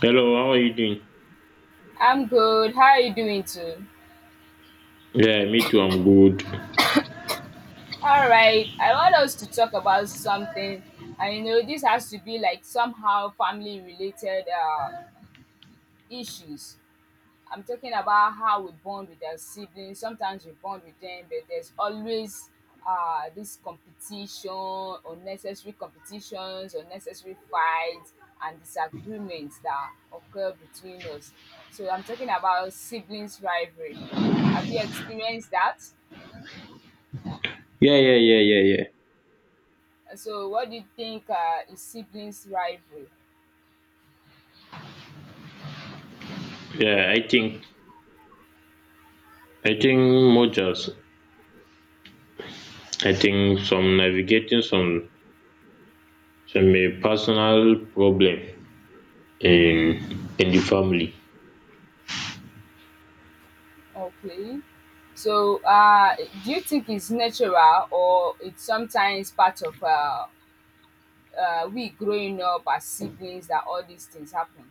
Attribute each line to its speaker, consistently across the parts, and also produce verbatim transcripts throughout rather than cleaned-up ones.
Speaker 1: Hello, how are you doing?
Speaker 2: I'm good. How are you doing too?
Speaker 1: Yeah, me too. I'm good.
Speaker 2: All right, I want us to talk about something. I know, this has to be like somehow family-related um, issues. I'm talking about how we bond with our siblings. Sometimes we bond with them, but there's always uh this competition, unnecessary competitions, unnecessary fights, and disagreements that occur between us. So I'm talking about siblings rivalry. Have you experienced that?
Speaker 1: Yeah, yeah, yeah, yeah, yeah.
Speaker 2: So what do you think, uh, is siblings rivalry?
Speaker 1: Yeah, I think I think mergers. I think some navigating some some eh, personal problem in in the family.
Speaker 2: Okay. So, uh, do you think it's natural or it's sometimes part of uh, uh, we growing up as siblings that all these things happen?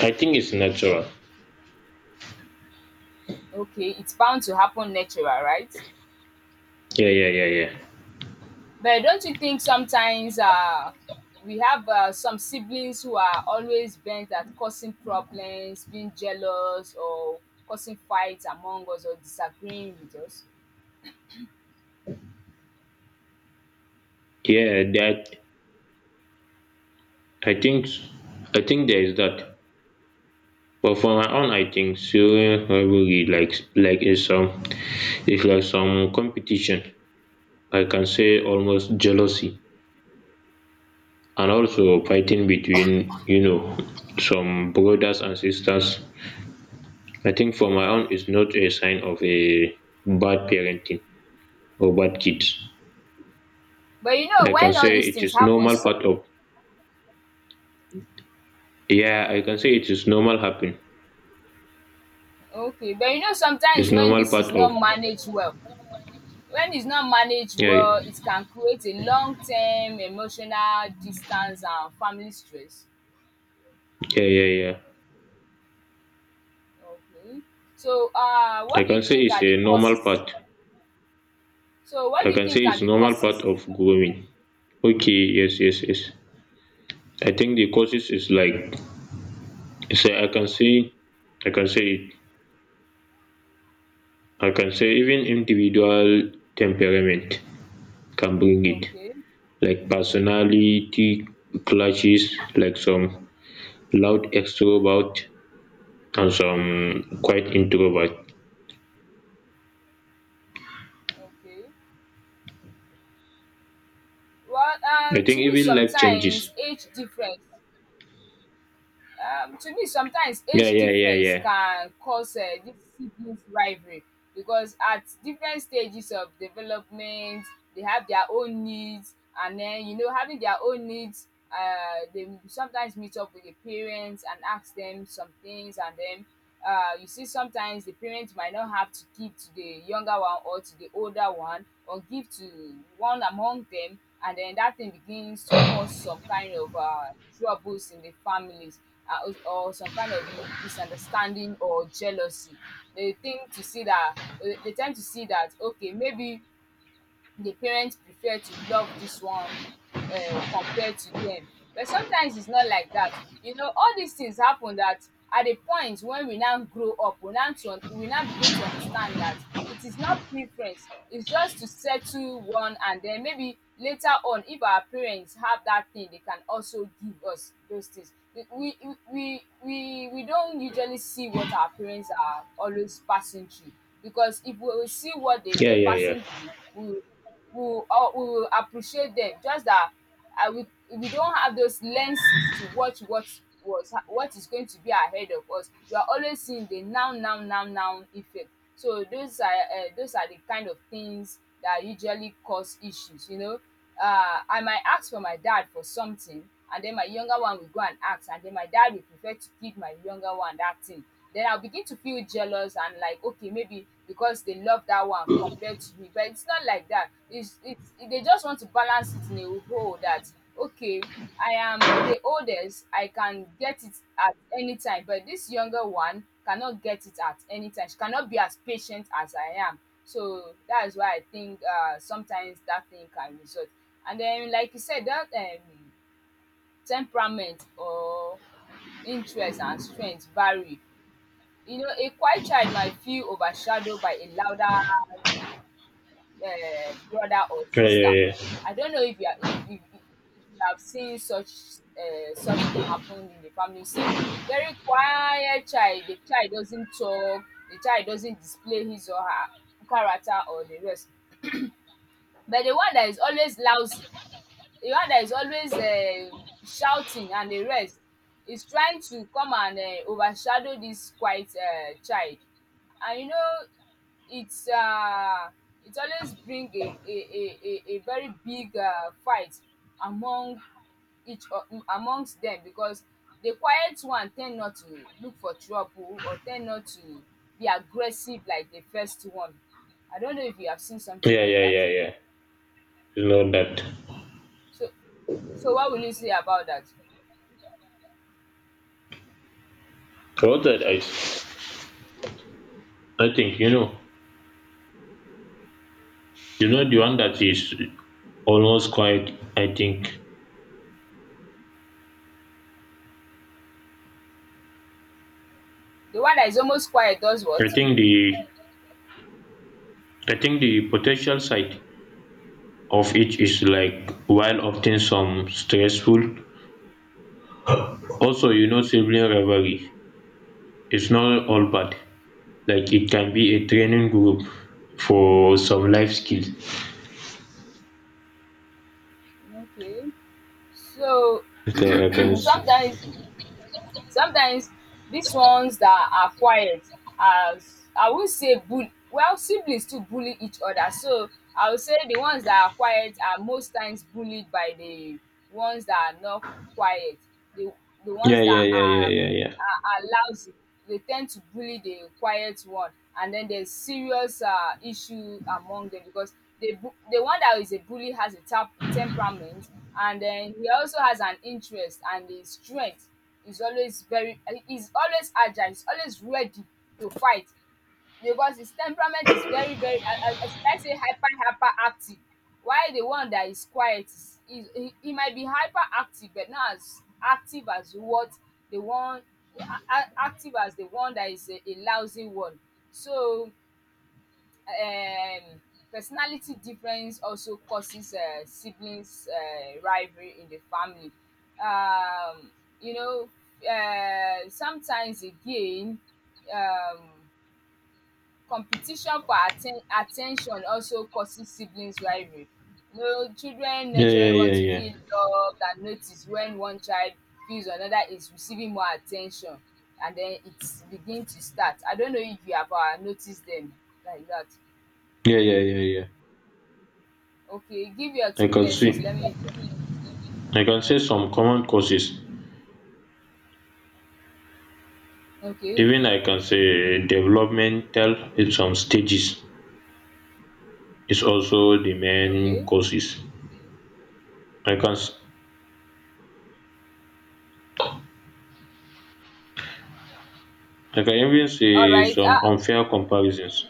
Speaker 1: I think it's natural.
Speaker 2: Okay, it's bound to happen natural, right?
Speaker 1: Yeah, yeah, yeah, yeah.
Speaker 2: But don't you think sometimes, uh, we have, uh, some siblings who are always bent at causing problems, being jealous, or causing fights among us or disagreeing with us?
Speaker 1: Yeah, that I think I think there is that. But for my own, I think sibling rivalry like like is some it's like some competition. I can say almost jealousy and also fighting between you know some brothers and sisters. I think for my own is not a sign of a bad parenting or bad kids.
Speaker 2: But you know
Speaker 1: I can
Speaker 2: when
Speaker 1: say
Speaker 2: all these
Speaker 1: it
Speaker 2: things
Speaker 1: is
Speaker 2: happen
Speaker 1: normal
Speaker 2: so
Speaker 1: part of. Yeah, I can say it is normal happen.
Speaker 2: okay, but you know
Speaker 1: It's
Speaker 2: sometimes when
Speaker 1: normal
Speaker 2: this is
Speaker 1: part
Speaker 2: not
Speaker 1: of.
Speaker 2: managed well, when it's not managed
Speaker 1: Yeah,
Speaker 2: well it can create a long term emotional distance and family stress.
Speaker 1: yeah, yeah, yeah.
Speaker 2: Okay. So um,
Speaker 1: I
Speaker 2: what do you
Speaker 1: can say
Speaker 2: think
Speaker 1: it's
Speaker 2: are
Speaker 1: a
Speaker 2: the
Speaker 1: normal
Speaker 2: causes,
Speaker 1: part.
Speaker 2: so what
Speaker 1: I
Speaker 2: do you
Speaker 1: can say
Speaker 2: think are
Speaker 1: it's
Speaker 2: the
Speaker 1: normal part
Speaker 2: causes?
Speaker 1: of growing. Okay, yes, yes, yes. I think the causes is like, say I can say I can say it I can say even individual temperament can bring it,
Speaker 2: Okay.
Speaker 1: like personality clashes, like some loud extrovert and some quiet introvert.
Speaker 2: Okay. Well
Speaker 1: I
Speaker 2: um,
Speaker 1: think
Speaker 2: to me
Speaker 1: even life changes.
Speaker 2: sometimes age difference, um, to me sometimes
Speaker 1: Yeah,
Speaker 2: age
Speaker 1: yeah, yeah,
Speaker 2: difference
Speaker 1: yeah.
Speaker 2: can cause um, dis siblings rivalry because at different stages of development they have their own needs, and then you know having their own needs, uh, they sometimes meet up with the parents and ask them some things. And then, uh, you see sometimes the parent might not have to give to the younger one or to the older one or give to one among them, and then that thing begins to cause some kind of, uh, troubles in the families, uh, or or some kind of mi- misunderstanding or jealousy. They think to see that they tend to see that okay, maybe the parents prefer to love this one um, compared to them. But sometimes it's not like that, you know. All these things happen that at a point when we now grow up we now to we now begin to understand that it is not preference, it's just to settle one, and then maybe later on if our parents have that thing they can also give us those things. We we we we we don't usually see what our parents are always passing through, because if we will see what they
Speaker 1: Yeah,
Speaker 2: were
Speaker 1: yeah, yeah.
Speaker 2: passing through we will, we will al we will appreciate them. Just that, ah, we we don't have those lenses to watch what was what is going to be ahead of us. We are always seeing the now, now, now, now effect. So those are um, those are the kind of things that usually cause issues, you know. Um, I might ask for my dad for something and then my younger one will go and ask, and then my dad will prefer to give my younger one that thing. Then I'll begin to feel jealous and like, okay, maybe because they love that one compared to me. But it's not like that, it's it's they just want to balance it in a whole. That, okay, I am the oldest, I can get it at any time, but this younger one cannot get it at any time. She cannot be as patient as I am. So that is why I think, uh, sometimes that thing can result. And then like you said that um, temperament or interest and strength vary. You know, a quiet child might feel overshadowed by a louder um, brother or
Speaker 1: Yeah, yeah,
Speaker 2: sister.
Speaker 1: yeah.
Speaker 2: I don't know if you are, if if if you have seen such um, such thing happen in the family. You see very quiet child, the child doesn't talk, the child doesn't display his or her character or the rest. But the one that is always lousy, the one that is always um, shouting and the rest is trying to come and um, overshadow this quiet um, child. And you know, it's um, it always bring a a a a a very big um, fight among, each um amongst them, because the quiet one tend not to look for trouble or tend not to be aggressive like the first one. I don't know if you have seen something
Speaker 1: Yeah,
Speaker 2: like
Speaker 1: yeah,
Speaker 2: that.
Speaker 1: yeah, yeah. You know that.
Speaker 2: So so what will you say about that?
Speaker 1: What that I, I think you know, you know the one that is almost quiet, I think.
Speaker 2: The one that is almost quiet does
Speaker 1: I
Speaker 2: what?
Speaker 1: think the I think the potential side of it is like while often some stressful. Also, you know sibling rivalry is not all bad, like it can be a training group for some life skills.
Speaker 2: Okay. So
Speaker 1: Like I can see.
Speaker 2: sometimes sometimes these ones that are quiet, as I would say, bull well siblings too bully each other. So I would say the ones that are quiet are most times bullied by the ones that are not quiet. The the
Speaker 1: Yeah,
Speaker 2: ones
Speaker 1: yeah,
Speaker 2: that
Speaker 1: yeah,
Speaker 2: are
Speaker 1: yeah, yeah, yeah,
Speaker 2: are, are lousy, they tend to bully the quiet one. And then there's serious, uh, issue among them because the bu- the one that is a bully has a tap temperament, and then he also has an interest and a strength. He's always very, he- he's always agile, he's always ready to fight because his temperament is very, very, I I should I say, hyper hyper active. While the one that is quiet is, is he he might be hyper active, but not as active as what the one, a- a- active as the one that is a, a lousy one. So um, personality difference also causes, uh, siblings, uh, rivalry in the family. Um, you know, uh, sometimes again um, competition for atten attention also causes siblings rivalry. You know, children
Speaker 1: yeah, yeah,
Speaker 2: naturally
Speaker 1: yeah,
Speaker 2: want to
Speaker 1: yeah,
Speaker 2: feel loved and noticed. When one child feels another is receiving more attention, and then it begin to start. I don't know if you have, uh, noticed them like that.
Speaker 1: yeah, yeah, yeah, yeah.
Speaker 2: Okay, give your
Speaker 1: I can
Speaker 2: experiences.
Speaker 1: see
Speaker 2: Let me hear.
Speaker 1: I can say some common causes.
Speaker 2: Okay.
Speaker 1: Even I can say developmental in some stages is also the main
Speaker 2: Okay.
Speaker 1: causes. I can s- I can even
Speaker 2: All
Speaker 1: say
Speaker 2: right.
Speaker 1: some
Speaker 2: Ah,
Speaker 1: unfair comparisons,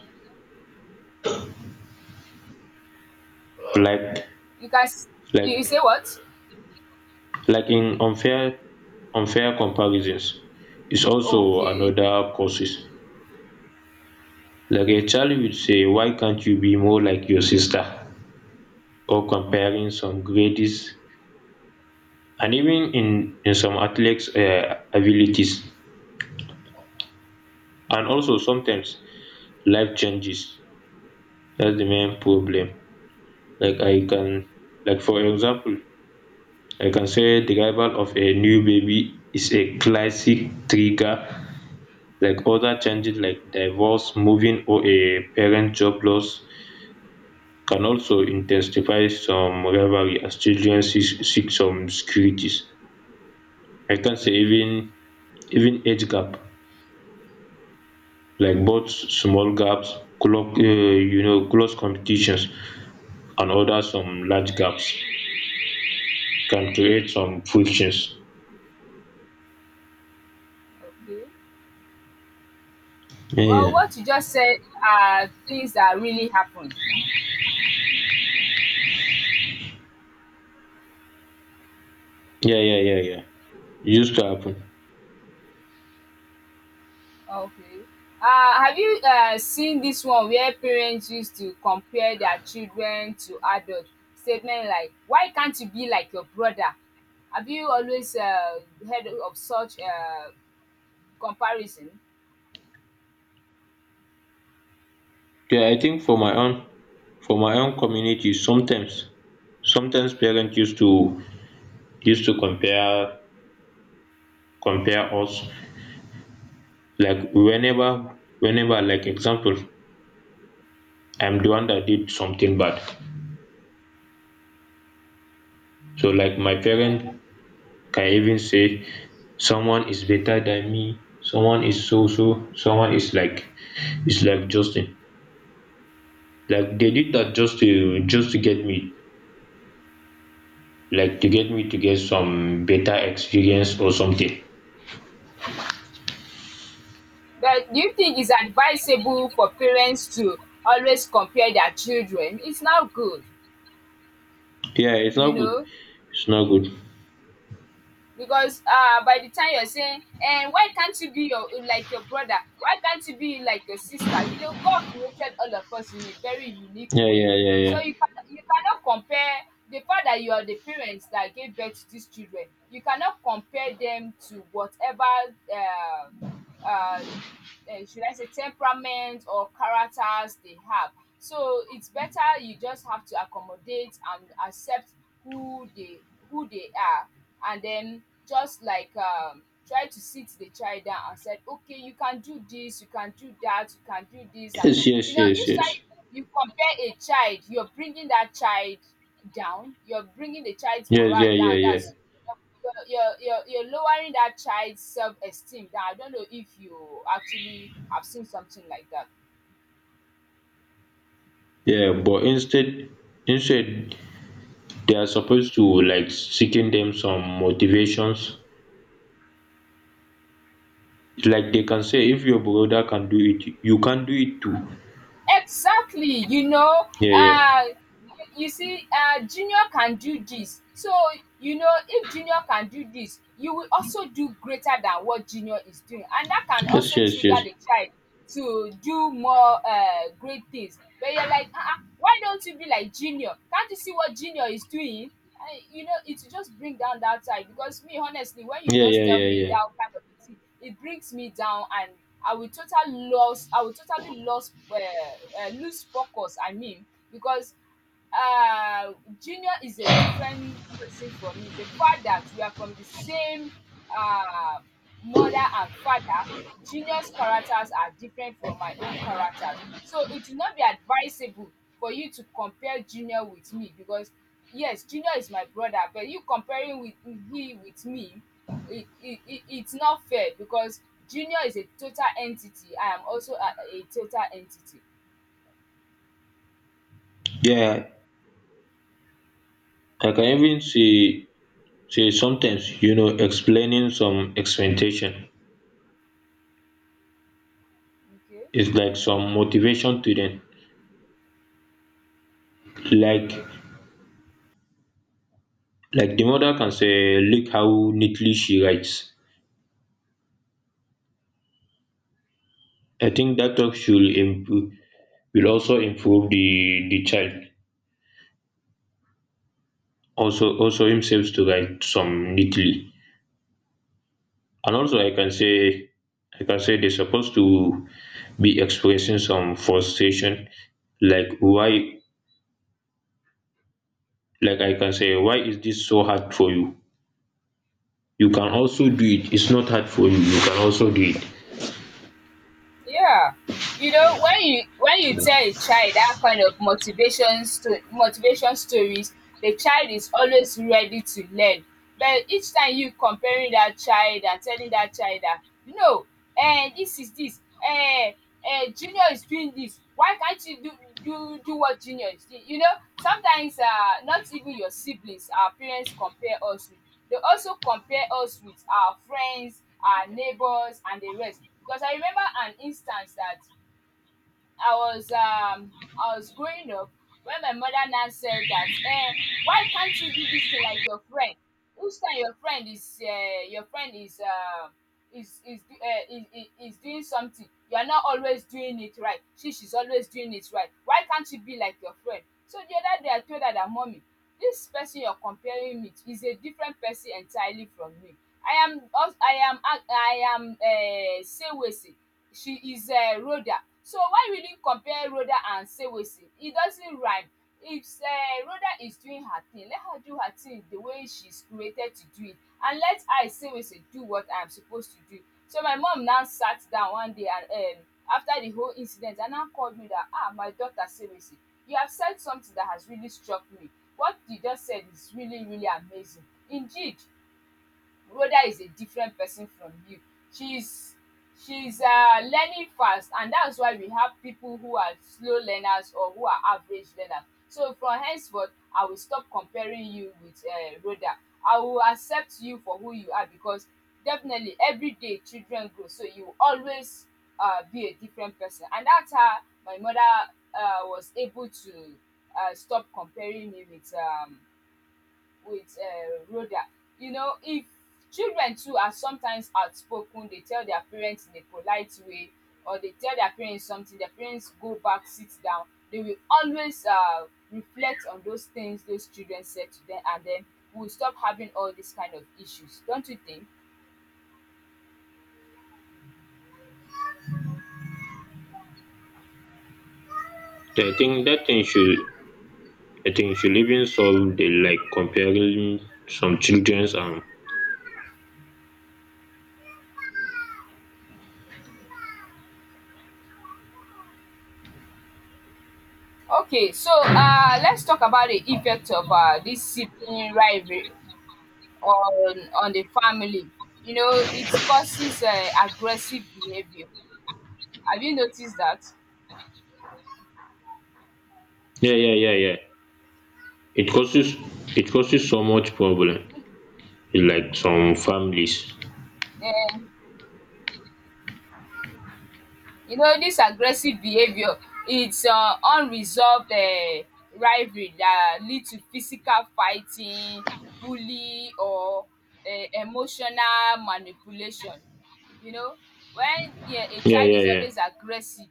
Speaker 1: like
Speaker 2: you can. s- You you
Speaker 1: like
Speaker 2: say what?
Speaker 1: like in unfair unfair comparisons is also
Speaker 2: Okay.
Speaker 1: another causes, like a child will say why can't you be more like your sister, or comparing some grades and even in in some athletes um abilities. And also sometimes life changes, that's the main problem, like I can like for example, I can say the arrival of a new baby is a classic trigger, like other changes like divorce, moving, or a parent job loss can also intensify some rivalry as children seek seek some securities. I can say even even age gap, like both small gaps, close um you know close competitions, and other some large gaps can create some frictions.
Speaker 2: Okay.
Speaker 1: Yeah,
Speaker 2: Well,
Speaker 1: yeah,
Speaker 2: what you just said are things that really happen.
Speaker 1: yeah, yeah, yeah, yeah. It used to happen.
Speaker 2: Okay. Uh, have you, uh, seen this one where parents used to compare their children to adults? Statement like, "Why can't you be like your brother?" Have you always, uh, heard of such, uh, comparison?
Speaker 1: Yeah, I think for my own, for my own community sometimes, sometimes parents used to used to compare, compare us. Like whenever whenever, like example, I'm the one that did something bad, so like my
Speaker 2: Yeah,
Speaker 1: parent can even say someone is better than me, someone is so so someone is like, is like Justin, like they did that just
Speaker 2: okay.
Speaker 1: to, just to get me, like to get me to get some better experience or something.
Speaker 2: But do you think it's advisable for parents to always compare their children? It's not good,
Speaker 1: Yeah, it's not
Speaker 2: you
Speaker 1: good.
Speaker 2: know,
Speaker 1: It's not good.
Speaker 2: because um, by the time you're saying, and "Why can't you be your like your brother? Why can't you be like your sister?" You know, God created all of us in a very unique
Speaker 1: Yeah,
Speaker 2: way.
Speaker 1: yeah, yeah,
Speaker 2: So
Speaker 1: yeah.
Speaker 2: you can, you cannot compare. The fact that you are the parents that gave birth to these children, you cannot compare them to whatever um, um, uh, should I say, temperament or characters they have. So it's better you just have to accommodate and accept who they, who they are, and then just like um, try to sit the child down and said, okay, you can do this, you can do that, you can do this, and
Speaker 1: Yes,
Speaker 2: thi-" you
Speaker 1: yes,
Speaker 2: know,
Speaker 1: yes,
Speaker 2: each
Speaker 1: yes,
Speaker 2: time you compare a child, you're bringing that child down, you're bringing the child's
Speaker 1: yes.
Speaker 2: morale
Speaker 1: Yeah, yeah,
Speaker 2: down.
Speaker 1: yeah,
Speaker 2: That's, you're you're you're you're lowering that child's self-esteem. That, I don't know if you actually have seen something like that.
Speaker 1: yeah. But instead instead they are supposed to like seeking them some motivations, like they can say if your brother can do it you can do it too.
Speaker 2: Exactly, you know,
Speaker 1: Yeah, yeah.
Speaker 2: uh you, you see, uh junior can do this. So you know, if junior can do this you will also do greater than what junior is doing, and that can
Speaker 1: Yes,
Speaker 2: also
Speaker 1: yes,
Speaker 2: trigger
Speaker 1: yes.
Speaker 2: the child to do more, uh great things. But you're like, uh-uh, why don't you be like junior? Can't you see what junior is doing? I, you know, it will just bring down that side. Because me, honestly, when you
Speaker 1: Yeah,
Speaker 2: just
Speaker 1: yeah,
Speaker 2: tell
Speaker 1: yeah,
Speaker 2: me
Speaker 1: yeah,
Speaker 2: that kind of thing, it brings me down, and I will totally lose. I will totally lose, uh, uh, lose focus. I mean, because, uh, Junior is a different person from me. The fact that we are from the same, uh, mother and father, Junior's characters are different from my own characters. So it will not be advisable for you to compare Junior with me, because yes, junior is my brother, but you comparing with he with me, it, it, it it's not fair because junior is a total entity, I am also a, a total entity.
Speaker 1: yeah. I can even say, say sometimes you know explaining some expectation
Speaker 2: Okay.
Speaker 1: is like some motivation to them, like like the mother can say look how neatly she writes. I think that talk should improve, will also improve the the child, also also himself to write some neatly. And also I can say, I can say they're supposed to be expressing some frustration, like why, like I can say, why is this so hard for you? You can also do it. It's not hard for you. You can also do it.
Speaker 2: Yeah. You know, when you, when you tell a child that kind of motivation sto- motivation stories, the child is always ready to learn. But each time you comparing that child and telling that child that no, eh this is this eh uh, Junior is doing this. Why can't you do do do what Junior is doing? You know, sometimes, uh, not even your siblings, our parents compare us with. They also compare us with our friends, our neighbors, and the rest. Because I remember an instance that I was um, I was growing up when my mother now said that, eh, why can't you do this thing like your friend? Who's time your friend is, uh, your friend is, uh, is is, do- eh, is is is doing something. You're not always doing it right. She she's always doing it right. Why can't you be like your friend? So the other day I told her that, mommy, this person you're comparing me to is a different person entirely from me. I am als- I am a- I am um Sewese. She is um Rhoda. So why will you compare Rhoda and Sewese? It doesn't rhyme. If um Rhoda is doing her thing, let her do her thing the way she's created to do it, and let I Sewese do what I'm supposed to do. So my mum now sat down one day and, um after the whole incident, and now called me that, ah my daughter Sewese, you have said something that has really struck me. What you just said is really, really amazing. Indeed, Rhoda is a different person from you. She's she's uh, learning fast, and that's why we have people who are slow learners or who are average learners. So from henceforth, I will stop comparing you with uh, Rhoda. I will accept you for who you are, because definitely every day children grow, so you will always uh, be a different person, and that's how my mother uh, was able to uh, stop comparing me with um, with uh, Rhoda. You know, if children too are sometimes outspoken, they tell their parents in a polite way, or they tell their parents something, their parents go back, sit down, they will always uh, reflect on those things those children said to them, and then we'll stop having all these kind of issues. Don't you think?
Speaker 1: The thing, that thing should, I think, should even solve the like comparing some children's and.
Speaker 2: Okay, so uh, let's talk about the effect of uh, this sibling rivalry on on the family. You know, it causes uh, aggressive behavior. Have you noticed that?
Speaker 1: Yeah, yeah, yeah, yeah. It causes it causes so much problem in like some families.
Speaker 2: um you know this aggressive behaviour, it's um unresolved um rivalry that lead to physical fighting, bully or um emotional manipulation. You know, when um a
Speaker 1: Yeah,
Speaker 2: child
Speaker 1: yeah,
Speaker 2: is
Speaker 1: yeah.
Speaker 2: always aggressive,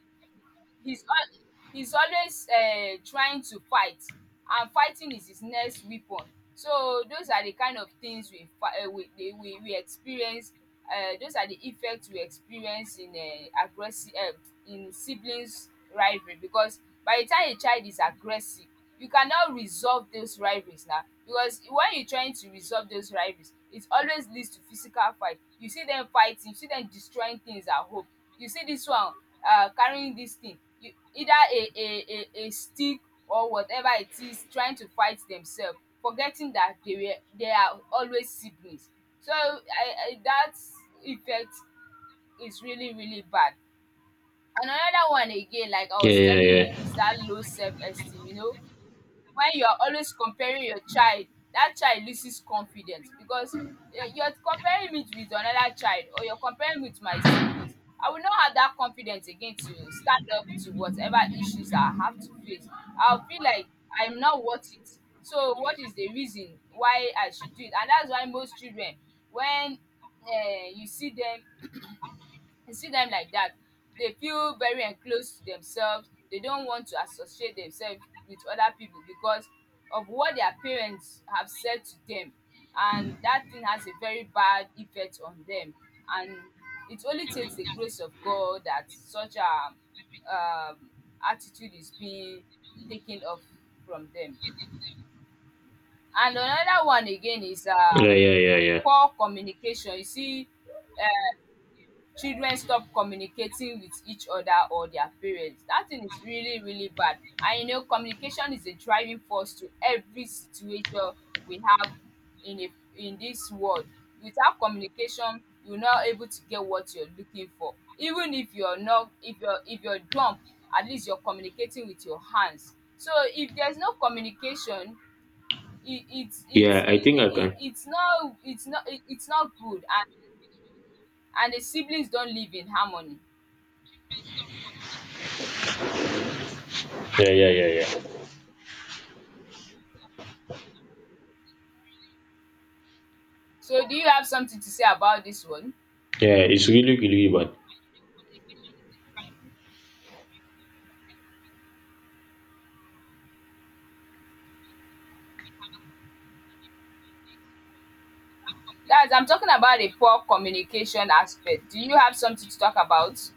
Speaker 2: he's al he's always um trying to fight, and fighting is his next weapon. So those are the kind of things we fi um we dey we we experience. Um those are the effects we experience in um aggressive, um in siblings rivalry, because by the time a child is aggressive, you cannot resolve those rivalries now, because when you are trying to resolve those rivalries, it always leads to physical fight. You see them fighting, you see them destroying things at home, you see this one uh, carrying this thing, you either a a a a stick or whatever it is, trying to fight themselves, forgetting that they were they are always siblings. So I I that effect is really, really bad. Another one again, like I
Speaker 1: Yeah,
Speaker 2: was
Speaker 1: yeah,
Speaker 2: telling you, is
Speaker 1: yeah,
Speaker 2: that low self esteem you know When you are always comparing your child, that child loses confidence, because you you are comparing me with another child, or you are comparing me with my siblings. I will not have that confidence again to stand up to whatever issues I have to face. I will feel like I am not worth it. So what is the reason why I should do it? And that's why most children, when um you see them You See dem like dat, dey feel very enclosed to themselves, they don't want to associate themselves with other people because of what their parents have said to them, and dat thing has a very bad effect on them. And it only takes the grace of God that such um um attitude is being taken off from them. And another one again is
Speaker 1: yeah,
Speaker 2: um
Speaker 1: yeah, yeah, yeah.
Speaker 2: poor communication. You see children stop communicating with each other or their parents. That thing is really, really bad. And you know, communication is a driving force to every situation we have in a in this world. Without communication, you're not able to get what you're looking for. Even if you're not if you're if you're dumb, at least you're communicating with your hands. So if there's no communication, it, it's
Speaker 1: Ya,
Speaker 2: it's
Speaker 1: I
Speaker 2: it,
Speaker 1: think I
Speaker 2: it,
Speaker 1: can.
Speaker 2: it's not it's not it, it's not good. And and the siblings don't live in harmony.
Speaker 1: Yeah, yeah, yeah, yeah.
Speaker 2: So do you have something to say about this one?
Speaker 1: Yeah, it's really really bad.
Speaker 2: That's I'm talking about the poor communication aspect. Do you have something to talk about?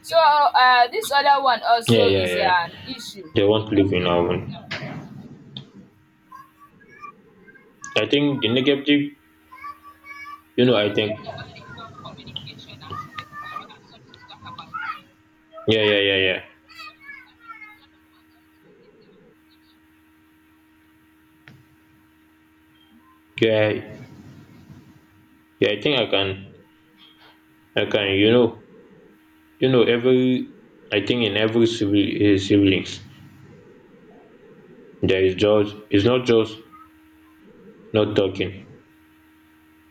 Speaker 2: So uh this other one
Speaker 1: Yeah,
Speaker 2: also
Speaker 1: yeah,
Speaker 2: is
Speaker 1: yeah.
Speaker 2: an issue.
Speaker 1: They won't live in our own. I think the negative, you know I think. Yeah, yeah, yeah, yeah. Yeah, yeah. I think I can I can you know you know every, I think in every sibli- eh, siblings there is just, it's not just not talking.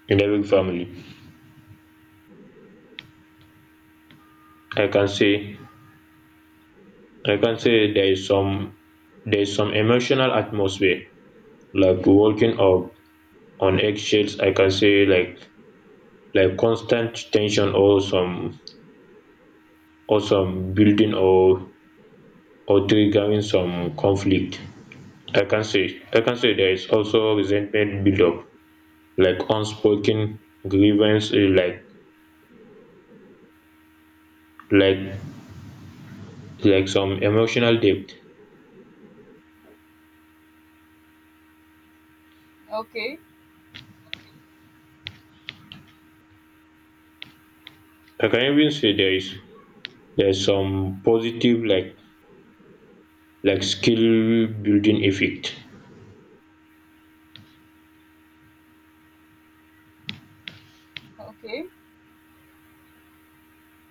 Speaker 1: In every family, I can say I can say there is some, there is some emotional atmosphere, like walking up on eggshells. I can say, like like constant tension or some, or some building or or triggering some conflict. i can say I can say there is also resentment buildup, like unspoken grievance, eh, like like like some emotional debt.
Speaker 2: Okay,
Speaker 1: I can even say there is, there's some positive, like like skill building effect.
Speaker 2: okay,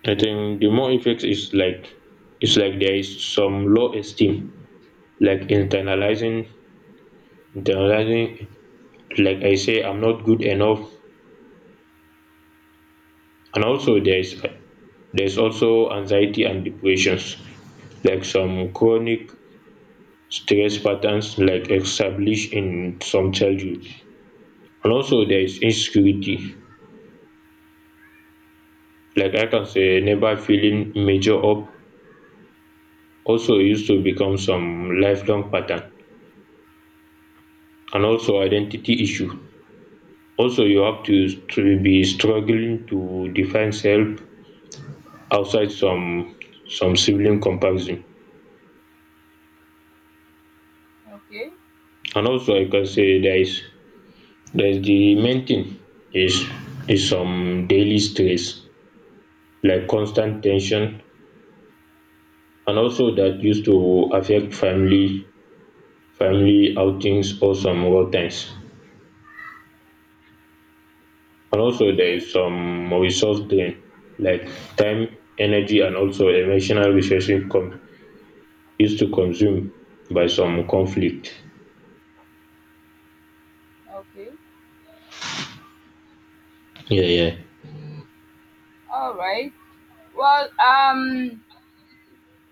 Speaker 1: I think the more effect is like, it's like there is some low esteem, like internalizing internalizing, like I say I'm not good enough. And also there's there's also anxiety and depressions, like some chronic stress patterns like established in some childhood. And also there is insecurity, like I can say never feeling measure up, also used to become some lifelong pattern. And also identity
Speaker 2: okay,
Speaker 1: issue, also you have to, to be struggling to define self outside some, some sibling comparison.
Speaker 2: okay,
Speaker 1: And also I can say there is, there is the main thing is, is some daily stress, like constant tension, and also that used to affect family, family outings or some work times. And also there
Speaker 2: okay,
Speaker 1: is some resource drain, like time, energy, and also emotional resources com, used to consume by some conflict.
Speaker 2: okay.
Speaker 1: Yeah, yeah,
Speaker 2: All right. Well, um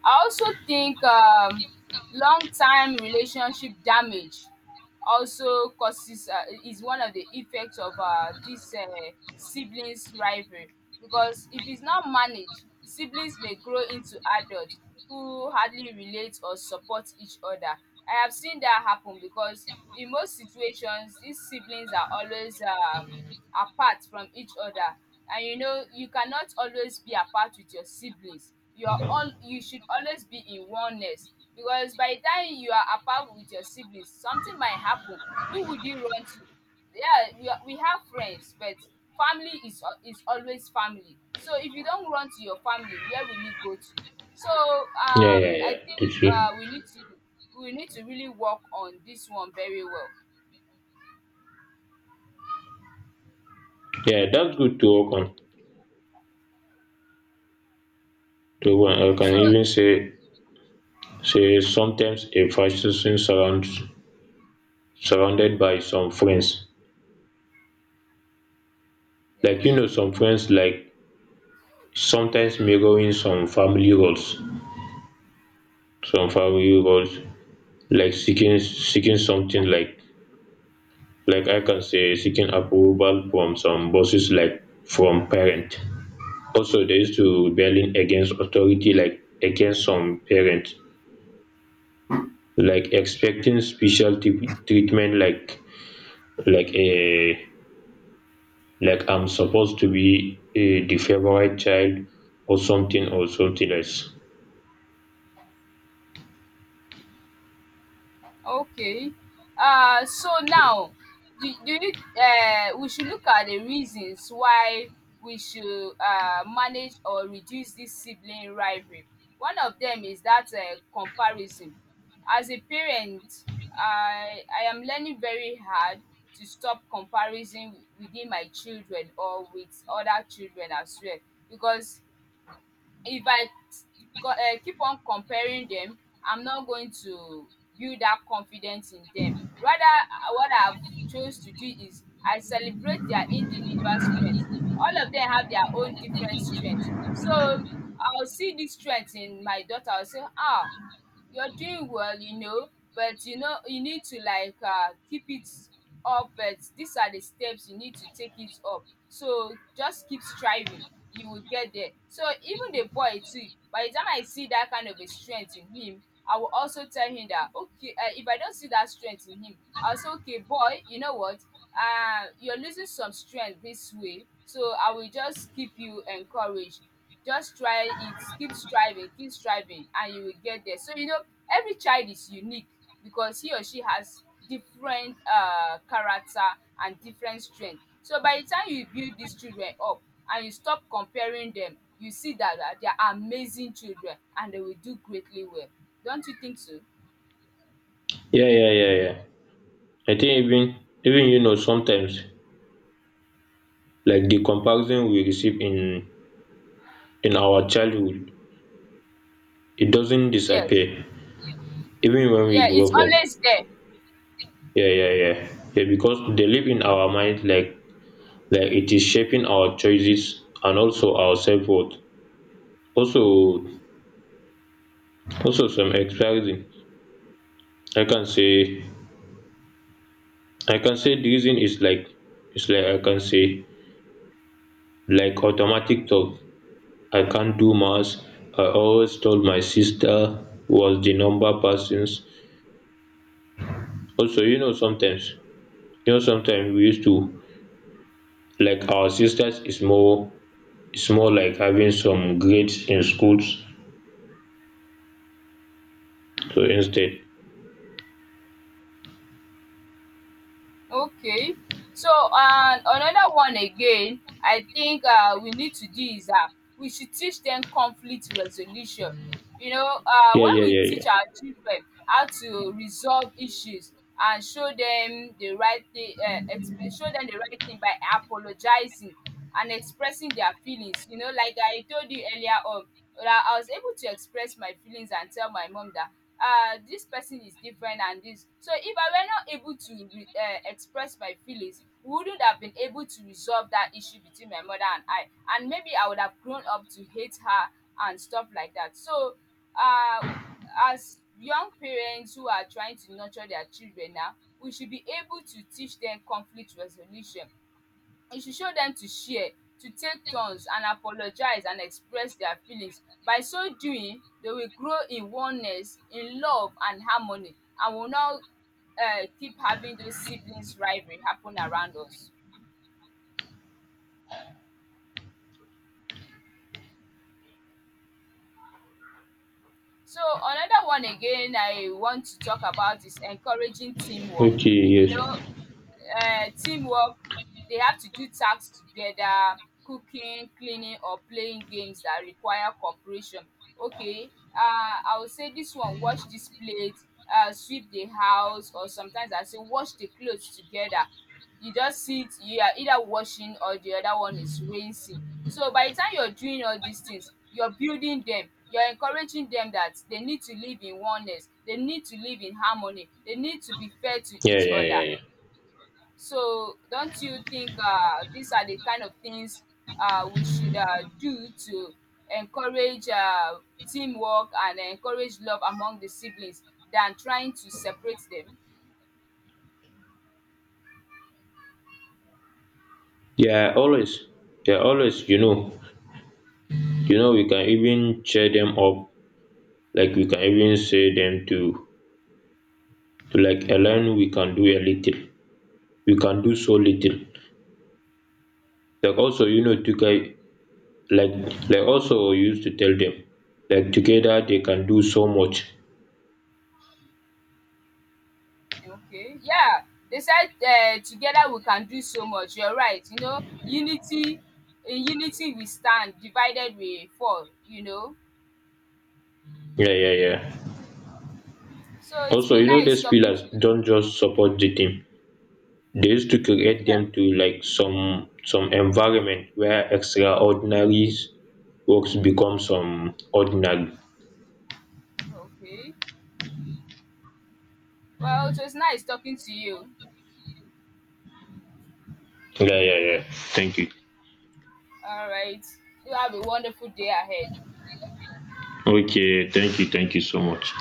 Speaker 2: I also think um long time relationship damage also causes uh, is one of the effects of uh, this uh, siblings rivalry, because if it's not managed, siblings may grow into adults who hardly relate or support each other. I have seen that happen, because in most situations these siblings are always um apart from each other. And you know, you cannot always be apart with your siblings. You are all you should always be in oneness, because by the time you are apart with your siblings, something might happen. Who would you run to? Yeah, we, are, we have friends, but family is al- is always family. So if you don't run to your family, where will you go to? So
Speaker 1: yeah,
Speaker 2: um
Speaker 1: yeah,
Speaker 2: I
Speaker 1: yeah,
Speaker 2: think
Speaker 1: you see.
Speaker 2: uh we need to we need to really work on this one very well.
Speaker 1: Yeah, that's good to work on. To one, I can
Speaker 2: So,
Speaker 1: even say, say sometimes a fashion surround, surrounded by some friends. Like you
Speaker 2: yes.
Speaker 1: know, some friends like sometimes mirroring some family roles, some family roles, like seeking seeking something like like I can say seeking approval from some bosses, like from parent. Also, they used to rebelling against authority, like against some parents, like expecting special t- treatment, like like a like I'm supposed to be uh, the favorite child, or something, or something else.
Speaker 2: Okay. Uh, so now, do, do you, uh, we should look at the reasons why we should uh, manage or reduce this sibling rivalry. One of them is that uh, comparison. As a parent, I, I am learning very hard to stop comparison within my children or with other children as well, because if I co- uh, keep on comparing them, I'm not going to build that confidence in them. Rather, uh, what I've chose to do is I celebrate their individual strength. All of them have their own different strengths. So I'll see this strength in my daughter. I'll say, ah, you're doing well, you know, but you know you need to like uh, keep it up. But these are the steps you need to take it up. So just keep striving. You will get there. So even the boy too. By the time I see that kind of a strength in him, I will also tell him that, okay. Uh, if I don't see that strength in him, I'll say, okay, boy. You know what? Uh, you're losing some strength this way. So I will just keep you encouraged. Just try it, keep striving, keep striving, and you will get there. So you know, every child is unique, because he or she has different uh character and different strength. So by the time you build these children up and you stop comparing them, you see that dat they are amazing children, and they will do greatly well. Don't you think so?
Speaker 1: Yeah, yeah, yeah, yeah. I think even even you know sometimes, like the comparison we receive in in our childhood, it doesn't
Speaker 2: Yes.
Speaker 1: disappear even when we
Speaker 2: Yeah,
Speaker 1: grow
Speaker 2: it's
Speaker 1: up.
Speaker 2: always there.
Speaker 1: yeah, yeah, yeah. Yeah, because they live in our mind, like like it is shaping our choices and also our self-worth. Also, also some experiencing. I can say, i can say the reason is like, is like I can say, like automatic talk, I can't do maths, I always told my sister was the number persons. Also you know sometimes, you know sometimes we used to, like our sisters is more, is more like having some grades in schools, so instead.
Speaker 2: Okay. So um another one again I think um we need to do is, um we should teach them conflict resolution. You know, um
Speaker 1: Yeah,
Speaker 2: when
Speaker 1: yeah,
Speaker 2: we
Speaker 1: yeah, yeah.
Speaker 2: teach our children how to resolve issues and show them the right thing um exp show them the right thing by apologizing and expressing their feelings. You know, like I told you earlier on, dat I was able to express my feelings and tell my mom that, uh, this person is different, and this, so if I were not able to re- uh, express my feelings, we wouldn't have been able to resolve that issue between my mother and I, and maybe I would have grown up to hate her and stuff like that. So, uh, as young parents who are trying to nurture their children now, we should be able to teach them conflict resolution. You should show them to share, to take turns, and apologize and express their feelings. By so doing, they will grow in oneness, in love and harmony, and will not um keep having those siblings rivalry happen around us. So another one again I want to talk about is encouraging teamwork.
Speaker 1: Okay,
Speaker 2: You know,
Speaker 1: yes.
Speaker 2: um teamwork, they have to do tasks together, cooking, cleaning, or playing games that require cooperation. Okay, um I will say this one, wash this plate, um sweep the house, or sometimes I say, wash the clothes together. You just sit, you are either washing or the other one is rinsing. So by the time you're doing all these things, you're building them, you're encouraging them that they need to live in oneness, they need to live in harmony, they need to be fair to
Speaker 1: Yeah,
Speaker 2: each
Speaker 1: yeah,
Speaker 2: other.
Speaker 1: yeah, yeah.
Speaker 2: So don't you think uh, these are the kind of things uh, we should uh, do to encourage uh, teamwork and encourage love among the siblings, than trying to separate them?
Speaker 1: Yeah, always. Yeah always you know, you know we can even cheer them up, like we can even say them to, to like alone we can do a little, we can do so little, like also you know to guy, like like also we used to tell them, like together they can do so much.
Speaker 2: Okay. Yeah. They said, uh, together we can do so much. You're right. You know, unity, in unity we stand, divided we fall, you know.
Speaker 1: Yeah, yeah, yeah.
Speaker 2: So it's
Speaker 1: Also
Speaker 2: been
Speaker 1: you know,
Speaker 2: nice
Speaker 1: these
Speaker 2: talking
Speaker 1: pillars
Speaker 2: to you.
Speaker 1: don't just support the team, they used to create
Speaker 2: Yeah.
Speaker 1: them to like some, some environment where extraordinary works become some ordinary.
Speaker 2: Okay. Well, it was nice talking to you.
Speaker 1: Yeah, yeah, yeah. Thank you.
Speaker 2: All right. You have a wonderful day ahead.
Speaker 1: Okay, thank you, thank you so much.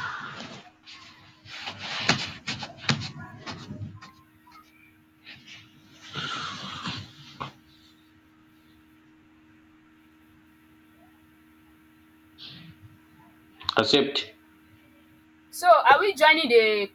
Speaker 1: Accept.
Speaker 2: So are we joining the